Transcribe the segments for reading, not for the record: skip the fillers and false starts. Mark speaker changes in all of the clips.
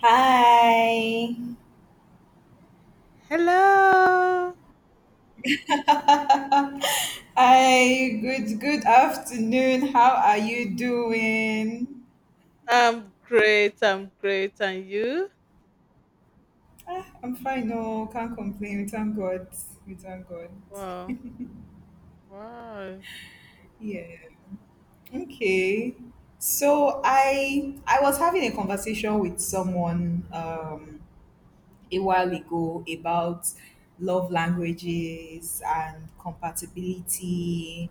Speaker 1: Hi.
Speaker 2: Hello.
Speaker 1: Hi, good afternoon. How are you doing?
Speaker 2: I'm great. I'm great. And you?
Speaker 1: I'm fine, no, can't complain. We thank God. We thank God.
Speaker 2: Wow. Wow.
Speaker 1: Yeah. Okay. So I was having a conversation with someone a while ago about love languages and compatibility,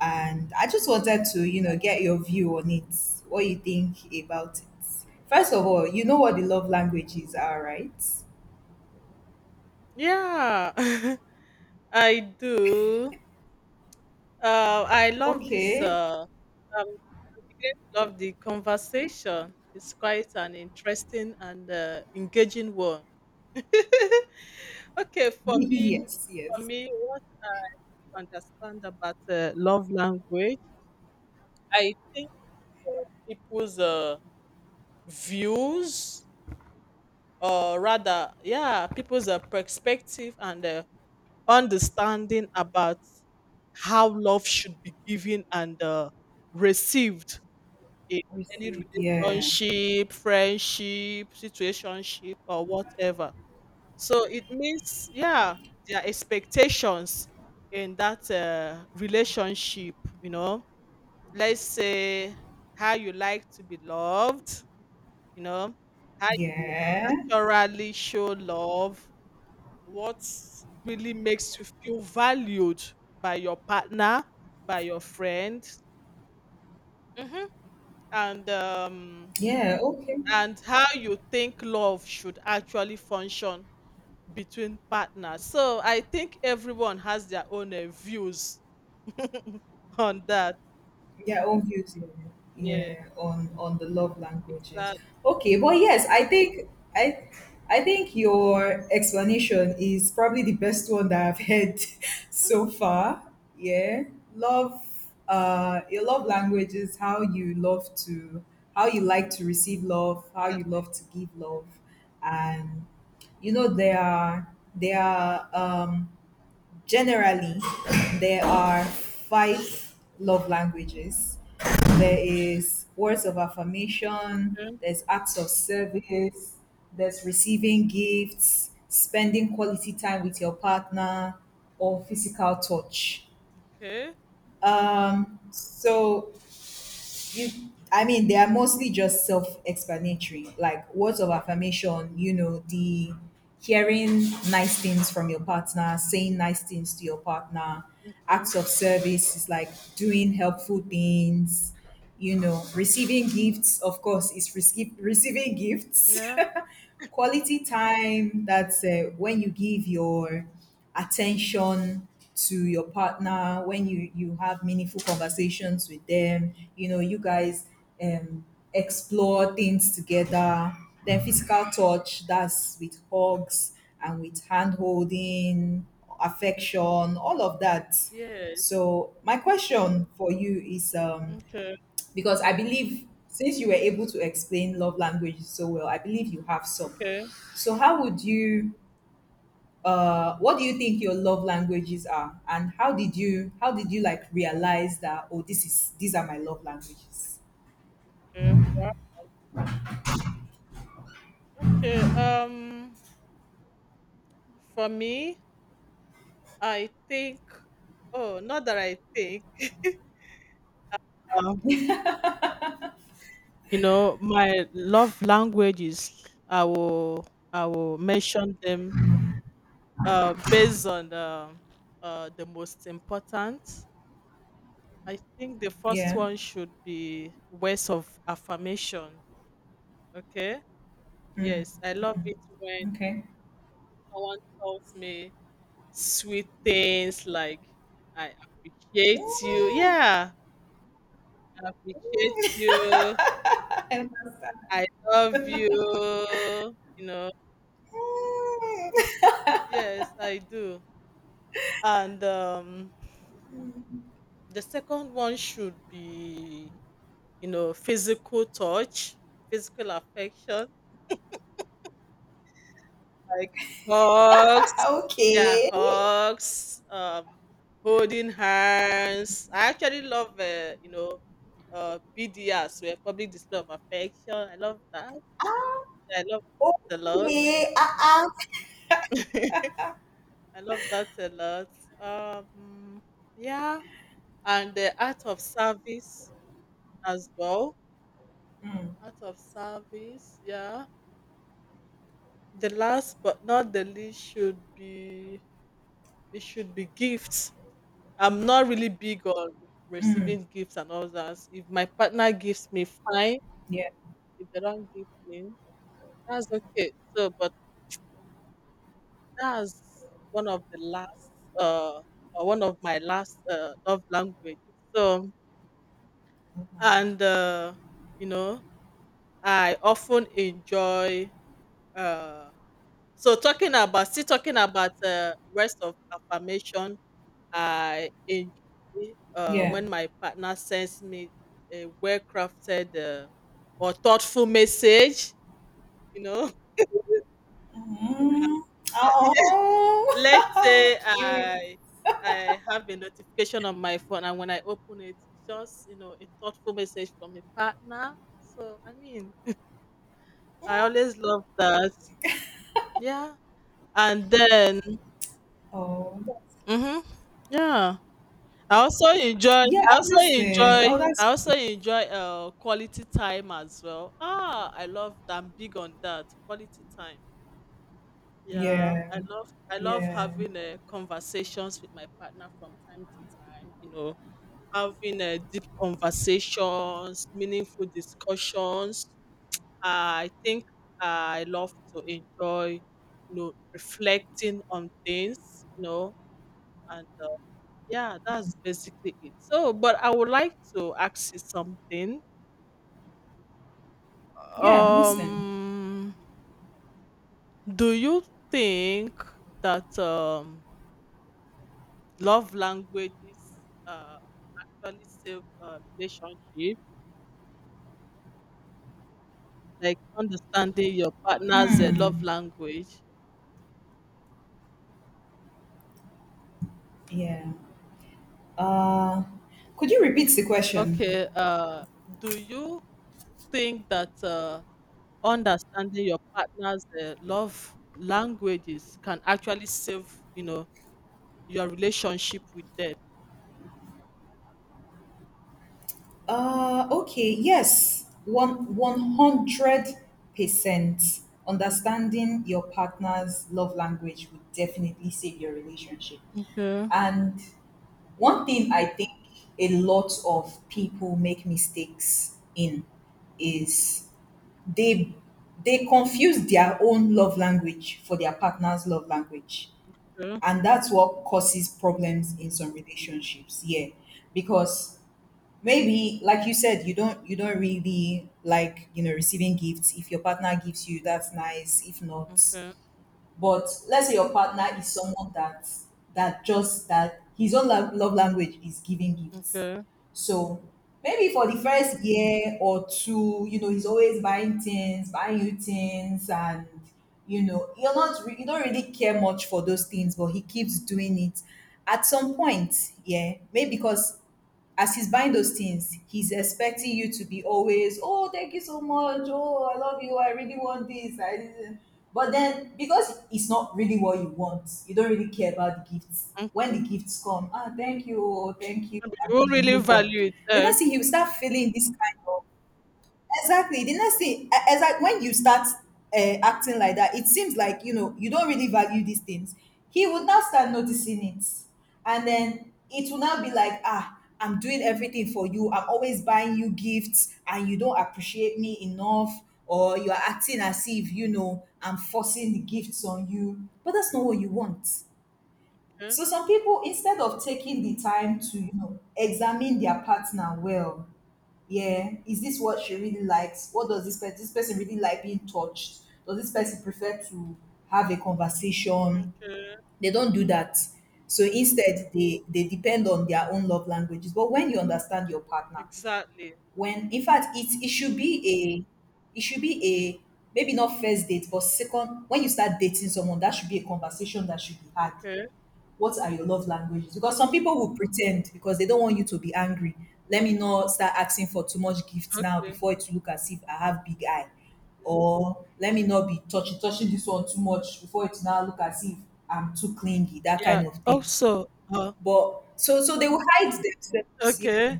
Speaker 1: and I just wanted to, get your view on it, what you think about it. First of all, you know what the love languages are, right?
Speaker 2: Yeah. I do. I love this.
Speaker 1: Okay.
Speaker 2: I'm beginning to love the conversation. It's quite an interesting and engaging one. Okay,
Speaker 1: Yes,
Speaker 2: for
Speaker 1: yes.
Speaker 2: me, what I really understand about love language, I think uh, people's views or rather, yeah, people's perspective and understanding about how love should be given and received in any
Speaker 1: Received. Yeah.
Speaker 2: relationship, friendship, situationship, or whatever. So it means, yeah, their expectations in that relationship, you know, let's say how you like to be loved, you know, how you
Speaker 1: Yeah.
Speaker 2: naturally show love what really makes you feel valued by your partner, by your friend, hmm and um,
Speaker 1: Yeah. Okay.
Speaker 2: and how you think love should actually function between partners. So I think everyone has their own views on that.
Speaker 1: Their own views, yeah,
Speaker 2: Yeah,
Speaker 1: yeah, on the love languages.
Speaker 2: exactly.
Speaker 1: Okay, but yes, I think i I think your explanation is probably the best one that I've heard so far. Yeah. Love, your love languages. How you like to receive love, how you
Speaker 2: Exactly.
Speaker 1: love to give love. And you know, there are generally, there are five love languages. There is words of affirmation,
Speaker 2: Okay.
Speaker 1: there's acts of service, there's receiving gifts, spending quality time with your partner, or physical touch.
Speaker 2: Okay.
Speaker 1: So you I mean, they are mostly just self-explanatory. Like words of affirmation, you know, the hearing nice things from your partner, saying nice things to your partner.
Speaker 2: Okay.
Speaker 1: Acts of service is like doing helpful things, you know. Receiving gifts, of course, is receiving gifts.
Speaker 2: Yeah.
Speaker 1: Quality time, that's when you give your attention to your partner, when you have meaningful conversations with them, you know, you guys um explore things together. Then physical touch, that's with hugs and with hand holding, affection, all of that.
Speaker 2: Yes.
Speaker 1: So my question for you is,
Speaker 2: Okay.
Speaker 1: because I believe, since you were able to explain love languages so well, I believe you have some.
Speaker 2: Okay.
Speaker 1: So, how would you? What do you think your love languages are, and how did you like realize that? Oh, this is these are my love languages.
Speaker 2: Okay. Wow. Okay. For me, I think oh, not that I think. Um, you know, my love languages, I will mention them based on the most important. I think the first
Speaker 1: Yeah.
Speaker 2: one should be words of affirmation. Okay. Yes, I love it when
Speaker 1: Okay.
Speaker 2: someone tells me sweet things like I appreciate you.
Speaker 1: Mm,
Speaker 2: Yeah, I appreciate you.
Speaker 1: I understand.
Speaker 2: I love you. You know,
Speaker 1: Mm,
Speaker 2: yes, I do. And the second one should be, you know, physical touch, physical affection, like hugs. Yeah,
Speaker 1: okay.
Speaker 2: hugs. Holding hands. I actually love, you know, PDR, where public display of affection. I love that. I love it a lot.
Speaker 1: Okay. Uh-uh.
Speaker 2: I love that a lot. Um, yeah and the art of service as well. Art of service, yeah. The last but not the least should be it should be gifts. I'm not really big on receiving gifts and all that. If my partner gives me, fine.
Speaker 1: Yeah.
Speaker 2: If they don't give me, that's okay. So, but that's one of the last, uh, or one of my last love languages. So,
Speaker 1: Love language.
Speaker 2: and you know, I often enjoy uh So talking about still talking about, words of affirmation, I enjoy,
Speaker 1: Yeah.
Speaker 2: when my partner sends me a well-crafted, or thoughtful message, you know.
Speaker 1: Mm,
Speaker 2: Let's
Speaker 1: oh,
Speaker 2: say
Speaker 1: cute.
Speaker 2: I have a notification on my phone, and when I open it, it's just, you know, a thoughtful message from a partner. So, I mean, I always love that. Yeah, and then
Speaker 1: Oh,
Speaker 2: mhm, yeah. I also enjoy
Speaker 1: yeah,
Speaker 2: I
Speaker 1: I'm
Speaker 2: also
Speaker 1: listening. Oh,
Speaker 2: enjoy I
Speaker 1: that's
Speaker 2: also
Speaker 1: cute.
Speaker 2: enjoy quality time as well. Ah, I love I'm big on that. Quality time. Yeah.
Speaker 1: Yeah,
Speaker 2: I love
Speaker 1: yeah,
Speaker 2: having conversations with my partner from time to time, you know, having deep conversations, meaningful discussions. I think I love to enjoy, you know, reflecting on things, you know, and yeah, that's basically it. So, but I would like to ask you something.
Speaker 1: yeah. I'm listening.
Speaker 2: Um, do you think that love languages uh, actually save relationships? Like understanding your partner's love language.
Speaker 1: Yeah. Uh, could you repeat the question?
Speaker 2: Okay. Do you think that understanding your partner's love languages can actually save, you know, your relationship with them?
Speaker 1: Okay. Yes, one hundred percent. Understanding your partner's love language would definitely save your relationship.
Speaker 2: Okay,
Speaker 1: And one thing I think a lot of people make mistakes in is they they confuse their own love language for their partner's love language,
Speaker 2: okay,
Speaker 1: and that's what causes problems in some relationships, yeah. Because maybe like you said, you don't really like, you know, receiving gifts. If your partner gives you, that's nice. If not,
Speaker 2: okay,
Speaker 1: but let's say your partner is someone that his own love language is giving gifts.
Speaker 2: okay,
Speaker 1: So maybe for the first year or two, you know, he's always buying things, buying you things, and you know, you're not re- you don't really care much for those things, but he keeps doing it. At some point, yeah, maybe because as he's buying those things, he's
Speaker 2: okay.
Speaker 1: expecting you to be always, "Oh, thank you so much. Oh, I love you. I really want this. I didn't." But then, because it's not really what you want, you don't really care about the gifts.
Speaker 2: Mm,
Speaker 1: When the gifts come, ah, thank you, oh, thank you,
Speaker 2: but you
Speaker 1: and then
Speaker 2: won't
Speaker 1: you
Speaker 2: really
Speaker 1: move on.
Speaker 2: value it.
Speaker 1: Then I
Speaker 2: Eh?
Speaker 1: see he will start feeling this kind of— exactly. The next thing, exact, when you start uh, acting like that, it seems like, you know, you don't really value these things. He would now start noticing it, and then it will now be like, ah, I'm doing everything for you. I'm always buying you gifts, and you don't appreciate me enough, or you are acting as if, you know, I'm forcing the gifts on you. But that's not what you want.
Speaker 2: Okay,
Speaker 1: So some people, instead of taking the time to, you know, examine their partner well, yeah, is this what she really likes? What does this person really like? Being touched? Does this person prefer to have a conversation?
Speaker 2: okay,
Speaker 1: They don't do that. So instead, they depend on their own love languages. But when you understand your partner,
Speaker 2: exactly.
Speaker 1: when in fact it should be a, maybe not first date but second, when you start dating someone, that should be a conversation that should be had.
Speaker 2: Okay,
Speaker 1: What are your love languages? Because some people will pretend because they don't want you to be angry. Let me not start asking for too much gifts now
Speaker 2: okay.
Speaker 1: before it look as if I have big eye. Or let me not be touching this one too much before it now look as if I'm too clingy, that
Speaker 2: Yeah.
Speaker 1: kind of thing.
Speaker 2: Also, uh,
Speaker 1: But so they will hide themselves, yeah.
Speaker 2: okay,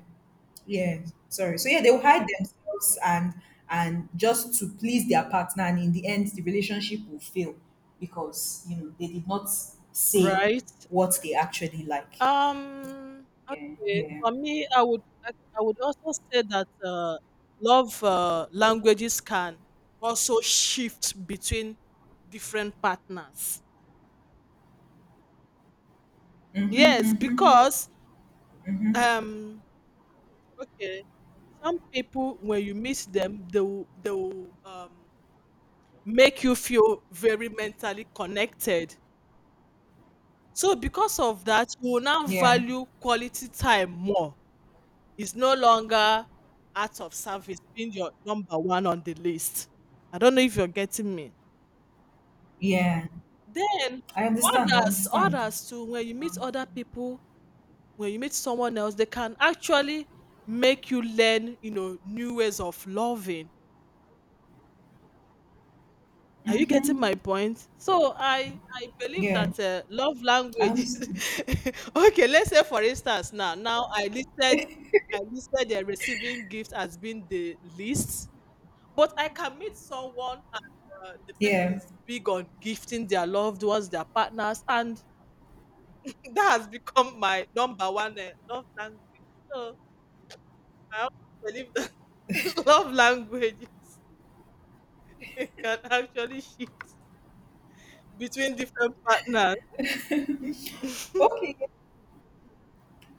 Speaker 1: Yeah, sorry. So yeah, they will hide themselves, and just to please their partner, and in the end, the relationship will fail because you know they did not say
Speaker 2: right.
Speaker 1: what they actually like. Yeah,
Speaker 2: Okay.
Speaker 1: yeah.
Speaker 2: For me, I would also say that love languages can also shift between different partners. Yes,
Speaker 1: Mm-hmm.
Speaker 2: because um okay. Some people, when you meet them, they will make you feel very mentally connected. So, because of that, you will now
Speaker 1: Yeah,
Speaker 2: value quality time more. It's no longer out of service being your number one on the list. I don't know if you're getting me.
Speaker 1: yeah.
Speaker 2: Then,
Speaker 1: I understand. I
Speaker 2: others,
Speaker 1: understand.
Speaker 2: others too, when you
Speaker 1: I
Speaker 2: meet
Speaker 1: understand.
Speaker 2: other people, when you meet someone else, they can actually make you learn, you know, new ways of loving Are you getting my point? So I believe
Speaker 1: Yeah,
Speaker 2: that love
Speaker 1: I
Speaker 2: language.
Speaker 1: understand.
Speaker 2: Okay, let's say for instance now I listed the receiving gift as being the least, but I can meet someone and the person
Speaker 1: Yeah.
Speaker 2: is big on gifting their loved ones, their partners, and that has become my number one love language. So I also believe that love languages can actually shift between different partners.
Speaker 1: Okay.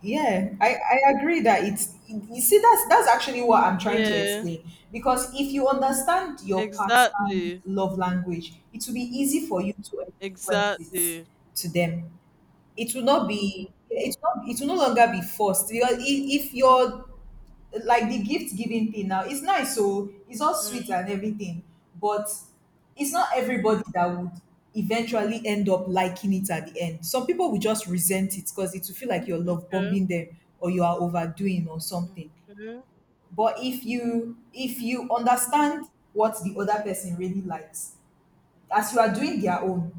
Speaker 1: Yeah, I agree that it's— you see, that's actually what I'm trying to
Speaker 2: yeah.
Speaker 1: explain, because if you understand your partner's
Speaker 2: Exactly,
Speaker 1: love language, it will be easy for you to express
Speaker 2: exactly.
Speaker 1: it to them. It will not, it will no longer be forced, because if your, like, the gift giving thing now, it's nice, so it's all sweet
Speaker 2: Mm,
Speaker 1: and everything. But it's not everybody that would eventually end up liking it. At the end, some people will just resent it because it will feel like you're love
Speaker 2: okay,
Speaker 1: bombing them, or you are overdoing, or something.
Speaker 2: okay,
Speaker 1: But if you understand what the other person really likes, as you are doing their own,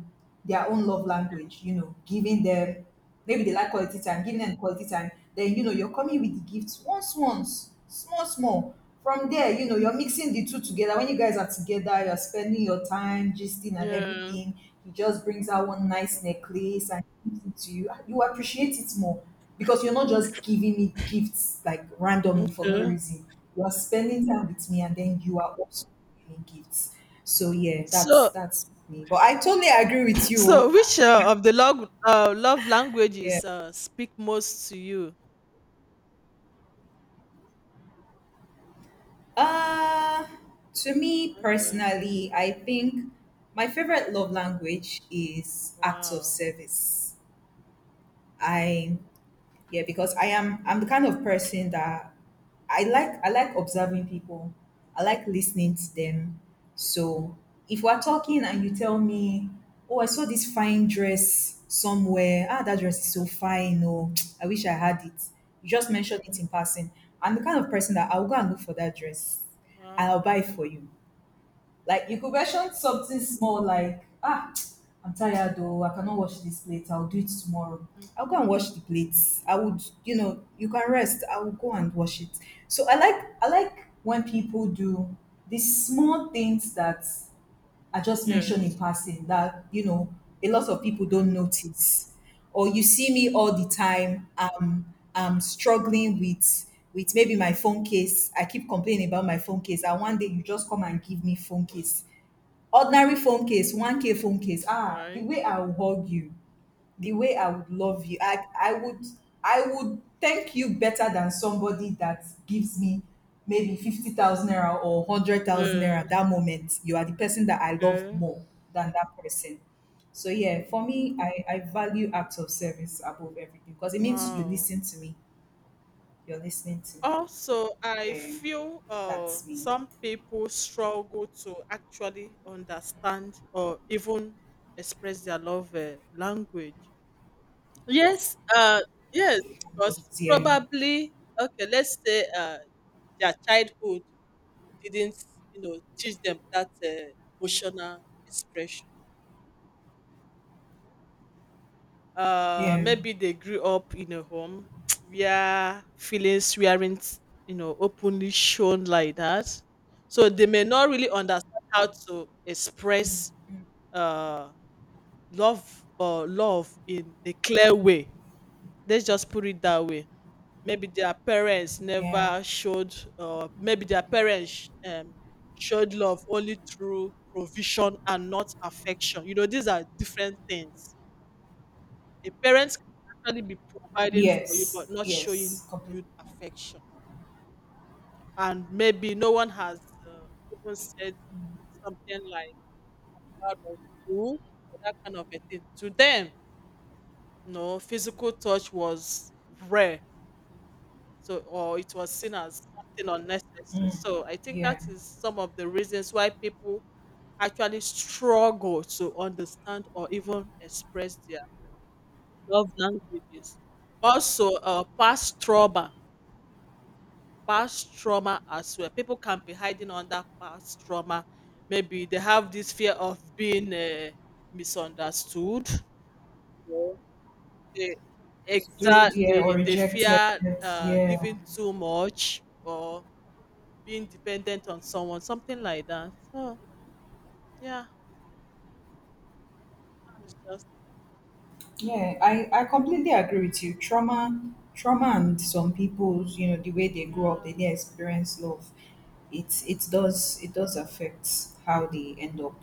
Speaker 1: love language, you know, giving them, maybe they like quality time, giving them quality time, then you know you're coming with the gifts once, small small, from there, you know, you're mixing the two together. When you guys are together, you're spending your time gisting and
Speaker 2: yeah,
Speaker 1: everything, he just brings out one nice necklace and gives it to you. Ah, you appreciate it more, because you're not just giving me gifts like randomly for no
Speaker 2: okay.
Speaker 1: reason. You are spending time with me, and then you are also giving me gifts. So yeah, that's
Speaker 2: So,
Speaker 1: that's me. But I totally agree with you.
Speaker 2: so
Speaker 1: Oh. Ah,
Speaker 2: which of the love
Speaker 1: yeah.
Speaker 2: languages speak most to you?
Speaker 1: Uh to me
Speaker 2: Okay.
Speaker 1: personally, I think my favorite love language is acts of
Speaker 2: Wow.
Speaker 1: service. I, yeah, because I'm the kind of person that— I like observing people, I like listening to them. So if we're talking and you tell me, oh, I saw this fine dress somewhere, ah, that dress
Speaker 2: Mm,
Speaker 1: is so fine, oh, I wish I had it, you just mentioned it in passing, I'm the kind of person that I'll go and look for that dress, I'll buy
Speaker 2: wow.
Speaker 1: it for you. Like you could mention something small, like, ah, I'm tired though, I cannot wash this plate, I'll do it tomorrow. I'll go
Speaker 2: Okay.
Speaker 1: and wash the plates. I would, you know, you can rest, I will go and wash it. So I like when people do these small things that I just mentioned in
Speaker 2: Yes.
Speaker 1: passing that, you know, a lot of people
Speaker 2: Okay.
Speaker 1: don't notice. Or you see me all the time, I'm struggling with maybe my phone case. I keep complaining about my phone case, and one day you just come and give me phone case, ordinary phone case, 1K phone case, ah, the
Speaker 2: Right.
Speaker 1: way I would hug you, the way I would love you, I would thank you better than somebody that gives me maybe 50,000 naira or 100,000 naira.
Speaker 2: Yes.
Speaker 1: That moment, you are the person that I love
Speaker 2: Okay.
Speaker 1: more than that person. So yeah, for me, I value acts of service above everything, because it means you
Speaker 2: Wow.
Speaker 1: listen to me, you're listening to me.
Speaker 2: Also, I
Speaker 1: Yeah,
Speaker 2: feel
Speaker 1: that's me.
Speaker 2: some people struggle to actually understand or even express their love language. Yes, yes, because
Speaker 1: Languages, yeah,
Speaker 2: probably, okay, let's say their childhood didn't, you know, teach them that emotional expression.
Speaker 1: yeah,
Speaker 2: Maybe they grew up in a home where feelings weren't you know openly shown like that so they may not really understand how to express uh love or love in a clear way, let's just put it that way. Maybe their parents
Speaker 1: yeah.
Speaker 2: never showed or maybe their parents showed love only through provision and not affection, you know these are different things. A parent can actually be providing for you,
Speaker 1: Yes,
Speaker 2: but not showing
Speaker 1: yes, completely.
Speaker 2: you affection. And maybe no one has even said something like "proud of you," or that kind of a thing. To them, no physical touch was rare, so or it was seen as something unnecessary.
Speaker 1: Mm,
Speaker 2: So I think
Speaker 1: yeah,
Speaker 2: that is some of the reasons why people actually struggle to understand or even express their love languages. Also, past trauma as well. People can be hiding under past trauma. Maybe they have this fear of being misunderstood. You know, they,
Speaker 1: stood, yeah, or
Speaker 2: exactly, they
Speaker 1: rejected,
Speaker 2: fear
Speaker 1: yeah.
Speaker 2: giving too much or being dependent on someone, something like that. So yeah, it's just
Speaker 1: Yeah, I completely agree with you. Trauma, trauma, and some people's, you know, the way they grow up, they
Speaker 2: yeah,
Speaker 1: didn't experience love. It does, it does affect how they end up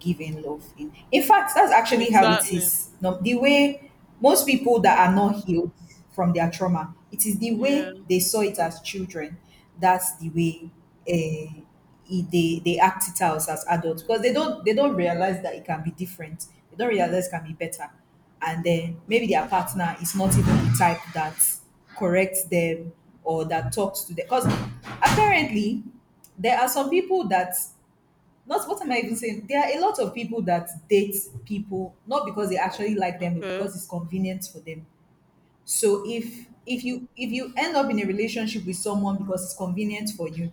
Speaker 1: giving love. In fact, that's actually how it
Speaker 2: exactly.
Speaker 1: is. No, the way most people that are not healed from their trauma, it is the
Speaker 2: Yeah.
Speaker 1: way they saw it as children. That's the way, uh, they act it out as adults, because they don't realize that it can be different. They don't realize it can be better, and then maybe their partner is not even the type that corrects them or that talks to them. Because apparently, there are some people that— not, what am I even saying? There are a lot of people that date people not because they actually like them, but
Speaker 2: Okay.
Speaker 1: because it's convenient for them. So if you end up in a relationship with someone because it's convenient for you,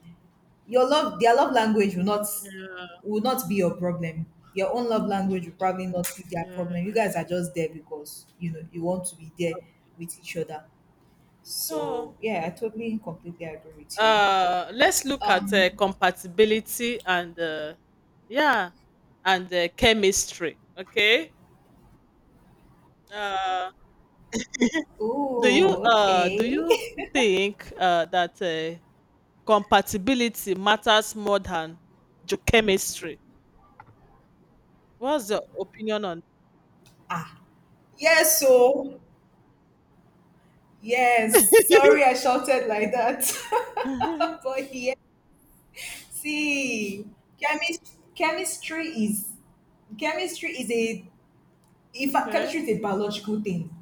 Speaker 1: your love their love language will not be your problem. Your own love language will probably not be their problem. You guys are
Speaker 2: Yes.
Speaker 1: just there because you know you want to be there with each other. So
Speaker 2: So
Speaker 1: yeah, I totally and completely agree with you.
Speaker 2: let's look at
Speaker 1: Um
Speaker 2: compatibility and yeah and chemistry. Okay. uh do you
Speaker 1: oh,
Speaker 2: uh do
Speaker 1: okay.
Speaker 2: you think that compatibility matters more than chemistry? What's your opinion on
Speaker 1: Ah yes, so yes, sorry I shouted like that.
Speaker 2: Mhm.
Speaker 1: but yeah, See, chemistry, chemistry is chemistry is a if
Speaker 2: Okay,
Speaker 1: chemistry is a biological thing.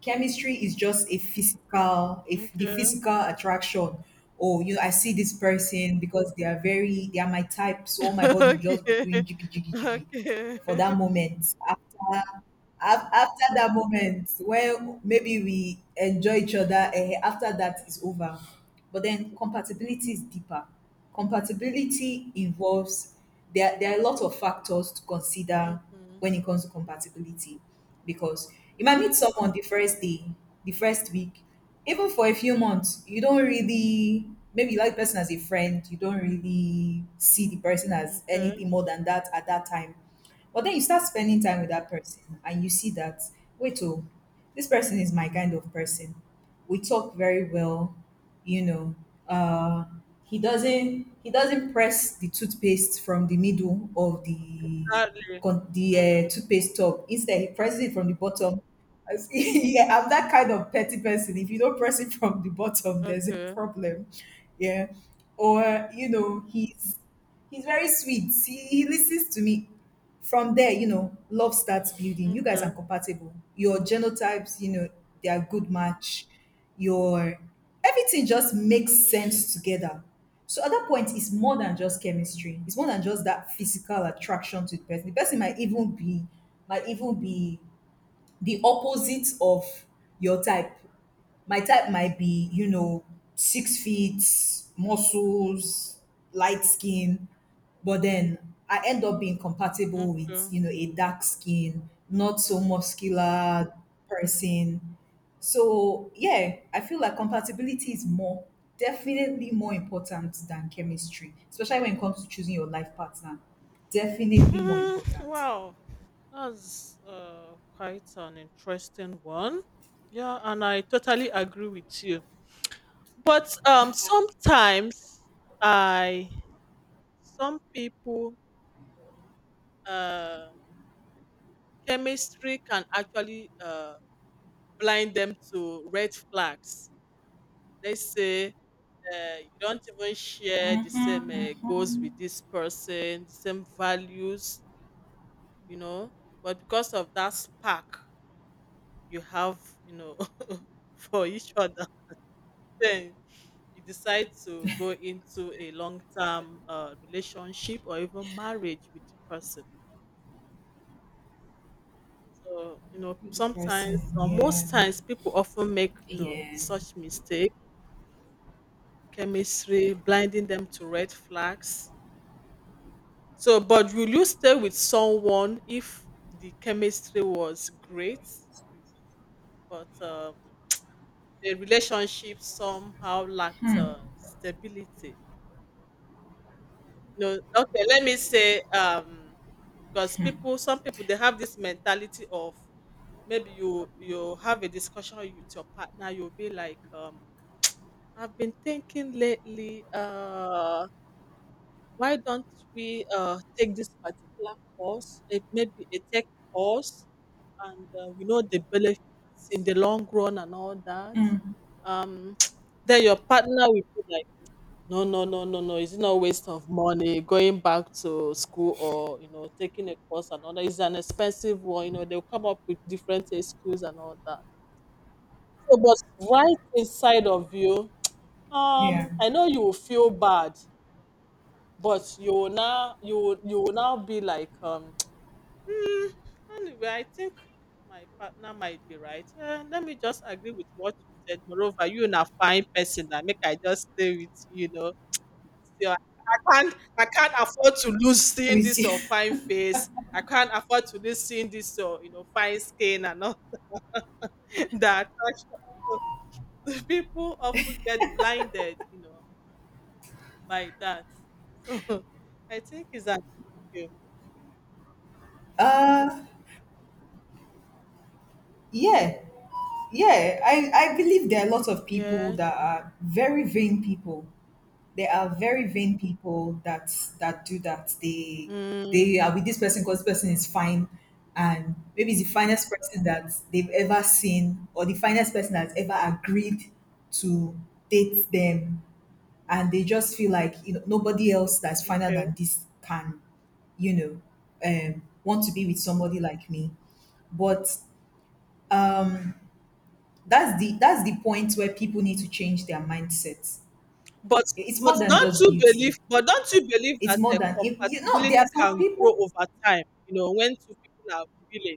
Speaker 1: Chemistry is just a physical, if the
Speaker 2: okay,
Speaker 1: physical attraction. Oh, you know, I see this person because they are my type. So all my body will just be
Speaker 2: okay,
Speaker 1: doing jiggy, jiggy, jiggy
Speaker 2: okay.
Speaker 1: for that moment. After that moment, when maybe we enjoy each other, after that is over, but then compatibility is deeper. Compatibility involves, there are a lot of factors to consider
Speaker 2: Mhm.
Speaker 1: when it comes to compatibility, because you might meet someone the first day, the first week, even for a few months. You don't really, maybe you like the person as a friend, you don't really see the person as
Speaker 2: Okay,
Speaker 1: anything more than that at that time. But then you start spending time with that person and you see that, wait, oh, this person is my kind of person. We talk very well, you know. Uh, he doesn't, he doesn't press the toothpaste from the middle of the
Speaker 2: sadly Mm.
Speaker 1: toothpaste tub. Instead, he presses it from the bottom. Yeah, I'm that kind of petty person. If you don't press it from the bottom, there's a
Speaker 2: Okay,
Speaker 1: problem. Yeah, or you know, he's very sweet. He listens to me. From there, you know, love starts building. You guys are
Speaker 2: okay,
Speaker 1: compatible. Your genotypes, you know, they are good match. Your everything just makes sense together. So at that point, it's more than just chemistry. It's more than just that physical attraction to the person. The person might even be, might even be the opposite of your type. My type might be, you know, 6 feet, muscles, light skin, but then I end up being compatible with,
Speaker 2: okay.
Speaker 1: you know, a dark skin, not so muscular person. So yeah, I feel like compatibility is more, definitely more important than chemistry, especially when it comes to choosing your life partner. Definitely more
Speaker 2: Hmm,
Speaker 1: important.
Speaker 2: wow, that's quite an interesting one. Yeah, and I totally agree with you. But sometimes I, some people, uh, chemistry can actually blind them to red flags. They say you don't even share the same goals with this person, the same values, you know. But because of that spark, you have, you know, for each other, then you decide to go into a long term relationship or even marriage with the person. So, you know,
Speaker 1: With the person,
Speaker 2: sometimes or
Speaker 1: yeah.
Speaker 2: most times people often make, you know,
Speaker 1: Yeah.
Speaker 2: such mistake, chemistry, blinding them to red flags. So, but will you stay with someone if the chemistry was great, but the relationship somehow lacked stability? No, okay, let me say, because people, some people, they have this mentality of maybe you have a discussion with your partner, you'll be like, I've been thinking lately, why don't we take this particular course, it maybe a tech course, and we know the benefits in the long run and all that.
Speaker 1: Mm,
Speaker 2: Um, then your partner will be like. No, no, no, no, no. Is it not waste of money going back to school or you know taking a course and all that? It's an expensive one. You know they'll come up with different excuses and all that. So, but right inside of you,
Speaker 1: yeah.
Speaker 2: I know you will feel bad, but you will now be like. "Hmm, anyway, I think my partner might be right. Let me just agree with what you said. Moreover, you are a fine person. That make I just stay with you. You know, can't I can't afford to lose seeing
Speaker 1: With
Speaker 2: this
Speaker 1: you.
Speaker 2: or fine face. I can't afford to lose seeing this or you know fine skin and all that. So, people often get blinded, you know, by that. So I think it's an issue.
Speaker 1: Uh, yeah, yeah. I believe there are a lot of people
Speaker 2: Yes.
Speaker 1: that are very vain people. There are very vain people that do that. They
Speaker 2: Mm,
Speaker 1: they are with this person because this person is fine, and maybe it's the finest person that they've ever seen, or the finest person that's ever agreed to date them, and they just feel like, you know, nobody else that's finer
Speaker 2: okay.
Speaker 1: than this can, you know, want to be with somebody like me. But uh, that's the point where people need to change their mindset.
Speaker 2: But
Speaker 1: It's more
Speaker 2: but
Speaker 1: than
Speaker 2: don't
Speaker 1: just
Speaker 2: you believe?
Speaker 1: beauty.
Speaker 2: But don't you believe
Speaker 1: It's
Speaker 2: that
Speaker 1: more than, if you know, there are
Speaker 2: compatibility
Speaker 1: some
Speaker 2: can grow
Speaker 1: people.
Speaker 2: over time? You know, when two people are feeling,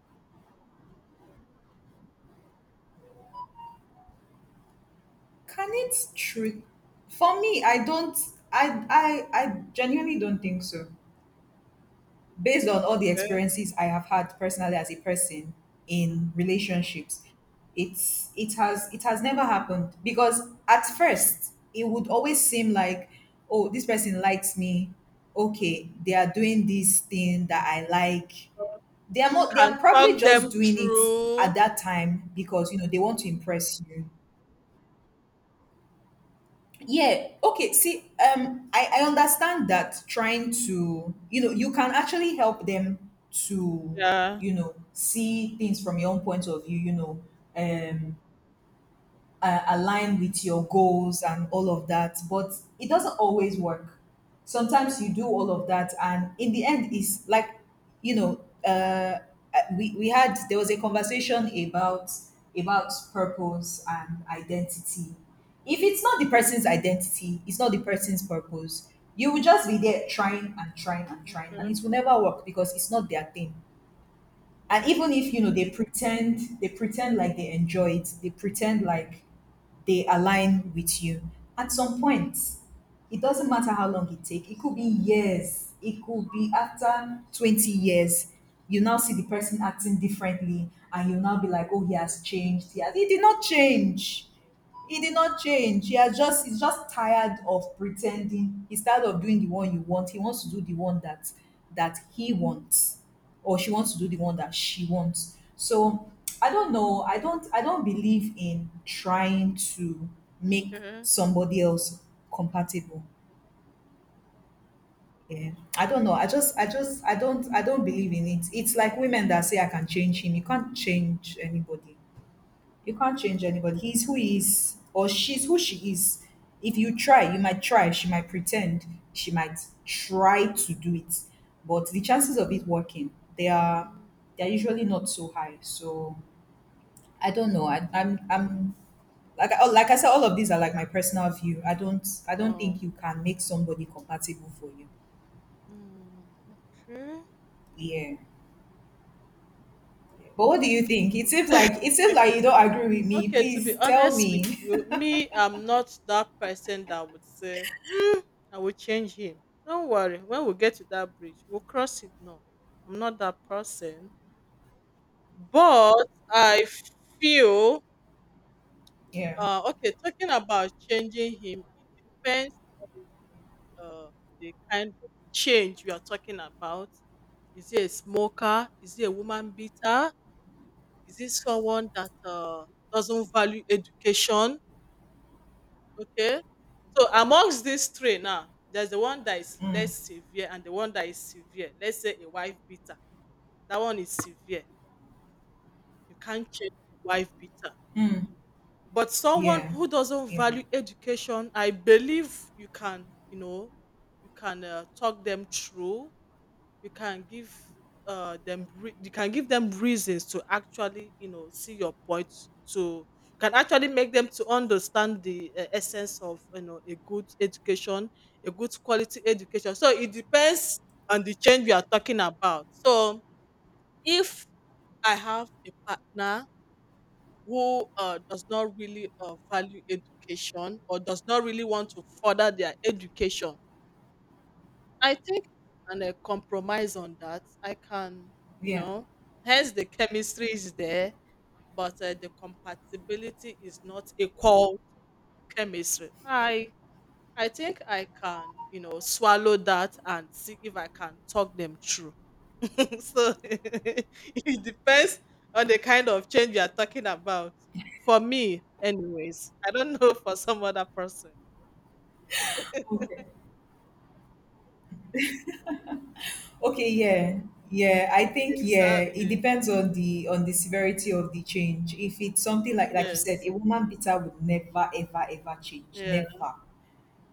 Speaker 1: Can it true? For me, I don't, I I genuinely don't think so. Based on all the
Speaker 2: okay,
Speaker 1: experiences I have had personally as a person in relationships, it's it has never happened, because at first it would always seem like, oh, this person likes me, okay, they are doing this thing that I like.
Speaker 2: so
Speaker 1: They are
Speaker 2: you
Speaker 1: more, they
Speaker 2: can
Speaker 1: are
Speaker 2: talk
Speaker 1: probably just
Speaker 2: them
Speaker 1: doing it
Speaker 2: through.
Speaker 1: at that time because you know they want to impress you. Yeah. Okay. See, I understand that trying to, you know, you can actually help them to,
Speaker 2: Yeah.
Speaker 1: you know, see things from your own point of view, you know, um, align with your goals and all of that, but it doesn't always work. Sometimes you do all of that and in the end it's like, you know, we had there was a conversation about purpose and identity. If it's not the
Speaker 2: Okay.
Speaker 1: person's identity, it's not the person's purpose, you will just be there trying and trying and trying,
Speaker 2: Okay,
Speaker 1: and it will never work because it's not their thing. And even if, you know, they pretend, they pretend like they enjoy it, they pretend like they align with you, at some point it doesn't matter how long it take. It could be years, it could be after 20 years. You now see the person acting differently and you now be like, oh, he has changed. He did not change, he did not change. He has just, he's just tired of pretending, he's tired of doing the one you want. He wants to do the one that he wants, or she wants to do the one that she wants. So I don't know, I don't believe in trying to
Speaker 2: okay,
Speaker 1: make
Speaker 2: okay.
Speaker 1: somebody else compatible. Yeah. I don't know, I just I just I don't believe in it. It's like women that say, I can change him. You can't change anybody, you can't change anybody. He's who he is, or she's who she is. If you try, you might try. She might pretend. She might try to do it, but the chances of it working, they are
Speaker 2: Mm.
Speaker 1: they are usually not so high. So I don't know. I'm like like I said, all of these are like my personal view. I don't think
Speaker 2: Wow.
Speaker 1: you can make somebody compatible for you.
Speaker 2: Mm. Okay.
Speaker 1: Yeah. But what do you think? It seems
Speaker 2: Okay,
Speaker 1: like you don't agree with me.
Speaker 2: okay, to be
Speaker 1: Please tell
Speaker 2: honest with
Speaker 1: me.
Speaker 2: you, me, I'm not that person that would say, hmm, I will change him. Don't worry, when we get to that bridge, we'll cross it. No, I'm not that person. But I feel,
Speaker 1: Yeah.
Speaker 2: okay, talking about changing him, it depends uh, the kind of change we are talking about. Is he a smoker? Is he a woman beater? Is he someone that doesn't value education? Okay. So amongst these three now, there's the one that is less severe and the one that is severe. Let's say a wife beater. That one is severe. You can't change wife beater. But someone
Speaker 1: Yeah.
Speaker 2: who doesn't
Speaker 1: Yeah.
Speaker 2: value education, I believe you can, you know, you can talk them through you can give you can give them reasons to actually you know see your point to can actually make them to understand the essence of you know a good education a good quality education so it depends on the change we are talking about so if I have a partner who does not really value education or does not really want to further their education I think and a compromise on that. I can, you know, hence the chemistry is there, but the compatibility is not equal chemistry. I think I can, you know, swallow that and see if I can talk them through. so it depends on the kind of change you are talking about. For me, anyways, I don't know for some other person.
Speaker 1: Yeah. Okay, yeah. Yeah, I think, yeah, it
Speaker 2: Exactly.
Speaker 1: depends on the severity of the change. If it's something like you said,
Speaker 2: Yes.
Speaker 1: a woman beater would never ever ever change.
Speaker 2: Yeah.
Speaker 1: Never.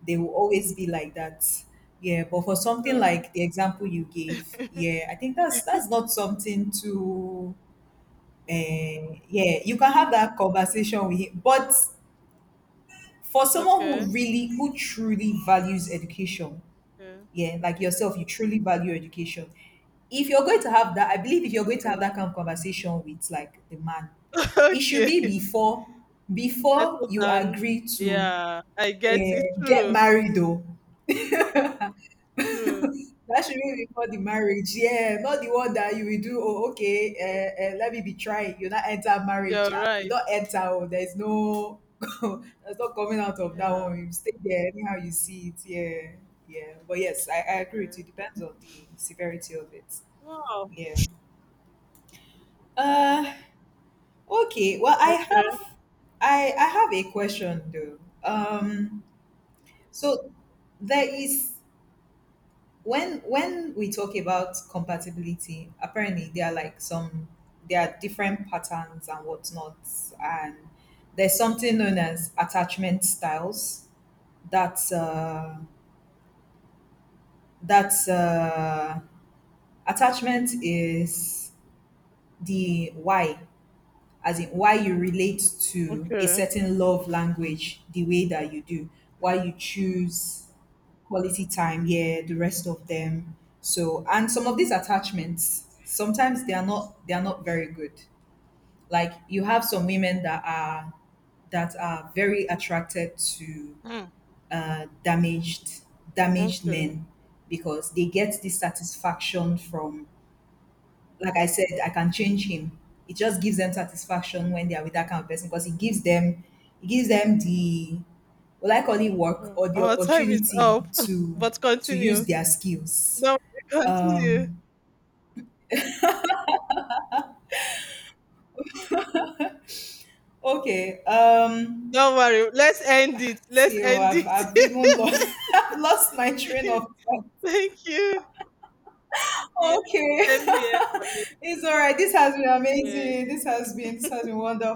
Speaker 1: They will always be like that. Yeah, but for something
Speaker 2: Uh,
Speaker 1: like the example you gave, yeah, I think that's not something to, uh, yeah, you can have that conversation with him. But for someone
Speaker 2: okay.
Speaker 1: who really, who truly values education,
Speaker 2: Okay,
Speaker 1: yeah, like yourself, you truly value education. If you're going to have that, I believe, if you're going to
Speaker 2: okay,
Speaker 1: have that kind of conversation with like the man, it should
Speaker 2: okay.
Speaker 1: be before, before
Speaker 2: Settle
Speaker 1: you
Speaker 2: down.
Speaker 1: agree to,
Speaker 2: Yeah, I get it.
Speaker 1: get
Speaker 2: True,
Speaker 1: married though.
Speaker 2: true.
Speaker 1: That should be before the marriage. Yeah, not the one that you will do. Oh, okay. Let me be trying. You not enter marriage.
Speaker 2: You're
Speaker 1: You
Speaker 2: right.
Speaker 1: don't enter. Oh, there's no. There's not coming out of that
Speaker 2: Yeah.
Speaker 1: one. You stay there anyhow you see it. Yeah, yeah. But yes, I agree with you.
Speaker 2: Okay.
Speaker 1: Depends on the severity of it.
Speaker 2: Wow.
Speaker 1: Yeah. Uh. Okay. Well, I
Speaker 2: Okay.
Speaker 1: have. I have a question though. Um. So there is, when we talk about compatibility, apparently there are like some, there are different patterns and whatnot. And there's something known as attachment styles. That's uh that's Attachment is the why, as in why you relate to a
Speaker 2: Okay.
Speaker 1: certain love language the way that you do, why you choose quality time, yeah, the rest of them. So, and some of these attachments, sometimes they are not very good. Like you have some women that are, that are very attracted to
Speaker 2: Hmm.
Speaker 1: uh, damaged damaged
Speaker 2: Okay.
Speaker 1: men, because they get this satisfaction from, like I said, I can change him. It just gives them satisfaction when they are with that kind of person, because it gives them the, well, I call it work,
Speaker 2: Oh,
Speaker 1: or the
Speaker 2: our time is
Speaker 1: opportunity
Speaker 2: up,
Speaker 1: to
Speaker 2: but
Speaker 1: to use
Speaker 2: continue.
Speaker 1: their skills.
Speaker 2: Don't worry, continue.
Speaker 1: Okay.
Speaker 2: Don't worry. Let's end it. Let's
Speaker 1: See, oh,
Speaker 2: end
Speaker 1: I've even
Speaker 2: it.
Speaker 1: lost, I've lost my train of thought.
Speaker 2: Thank you. Yes,
Speaker 1: Okay.
Speaker 2: same here for me.
Speaker 1: It's all right. This has been
Speaker 2: Yes.
Speaker 1: amazing. This has been wonderful.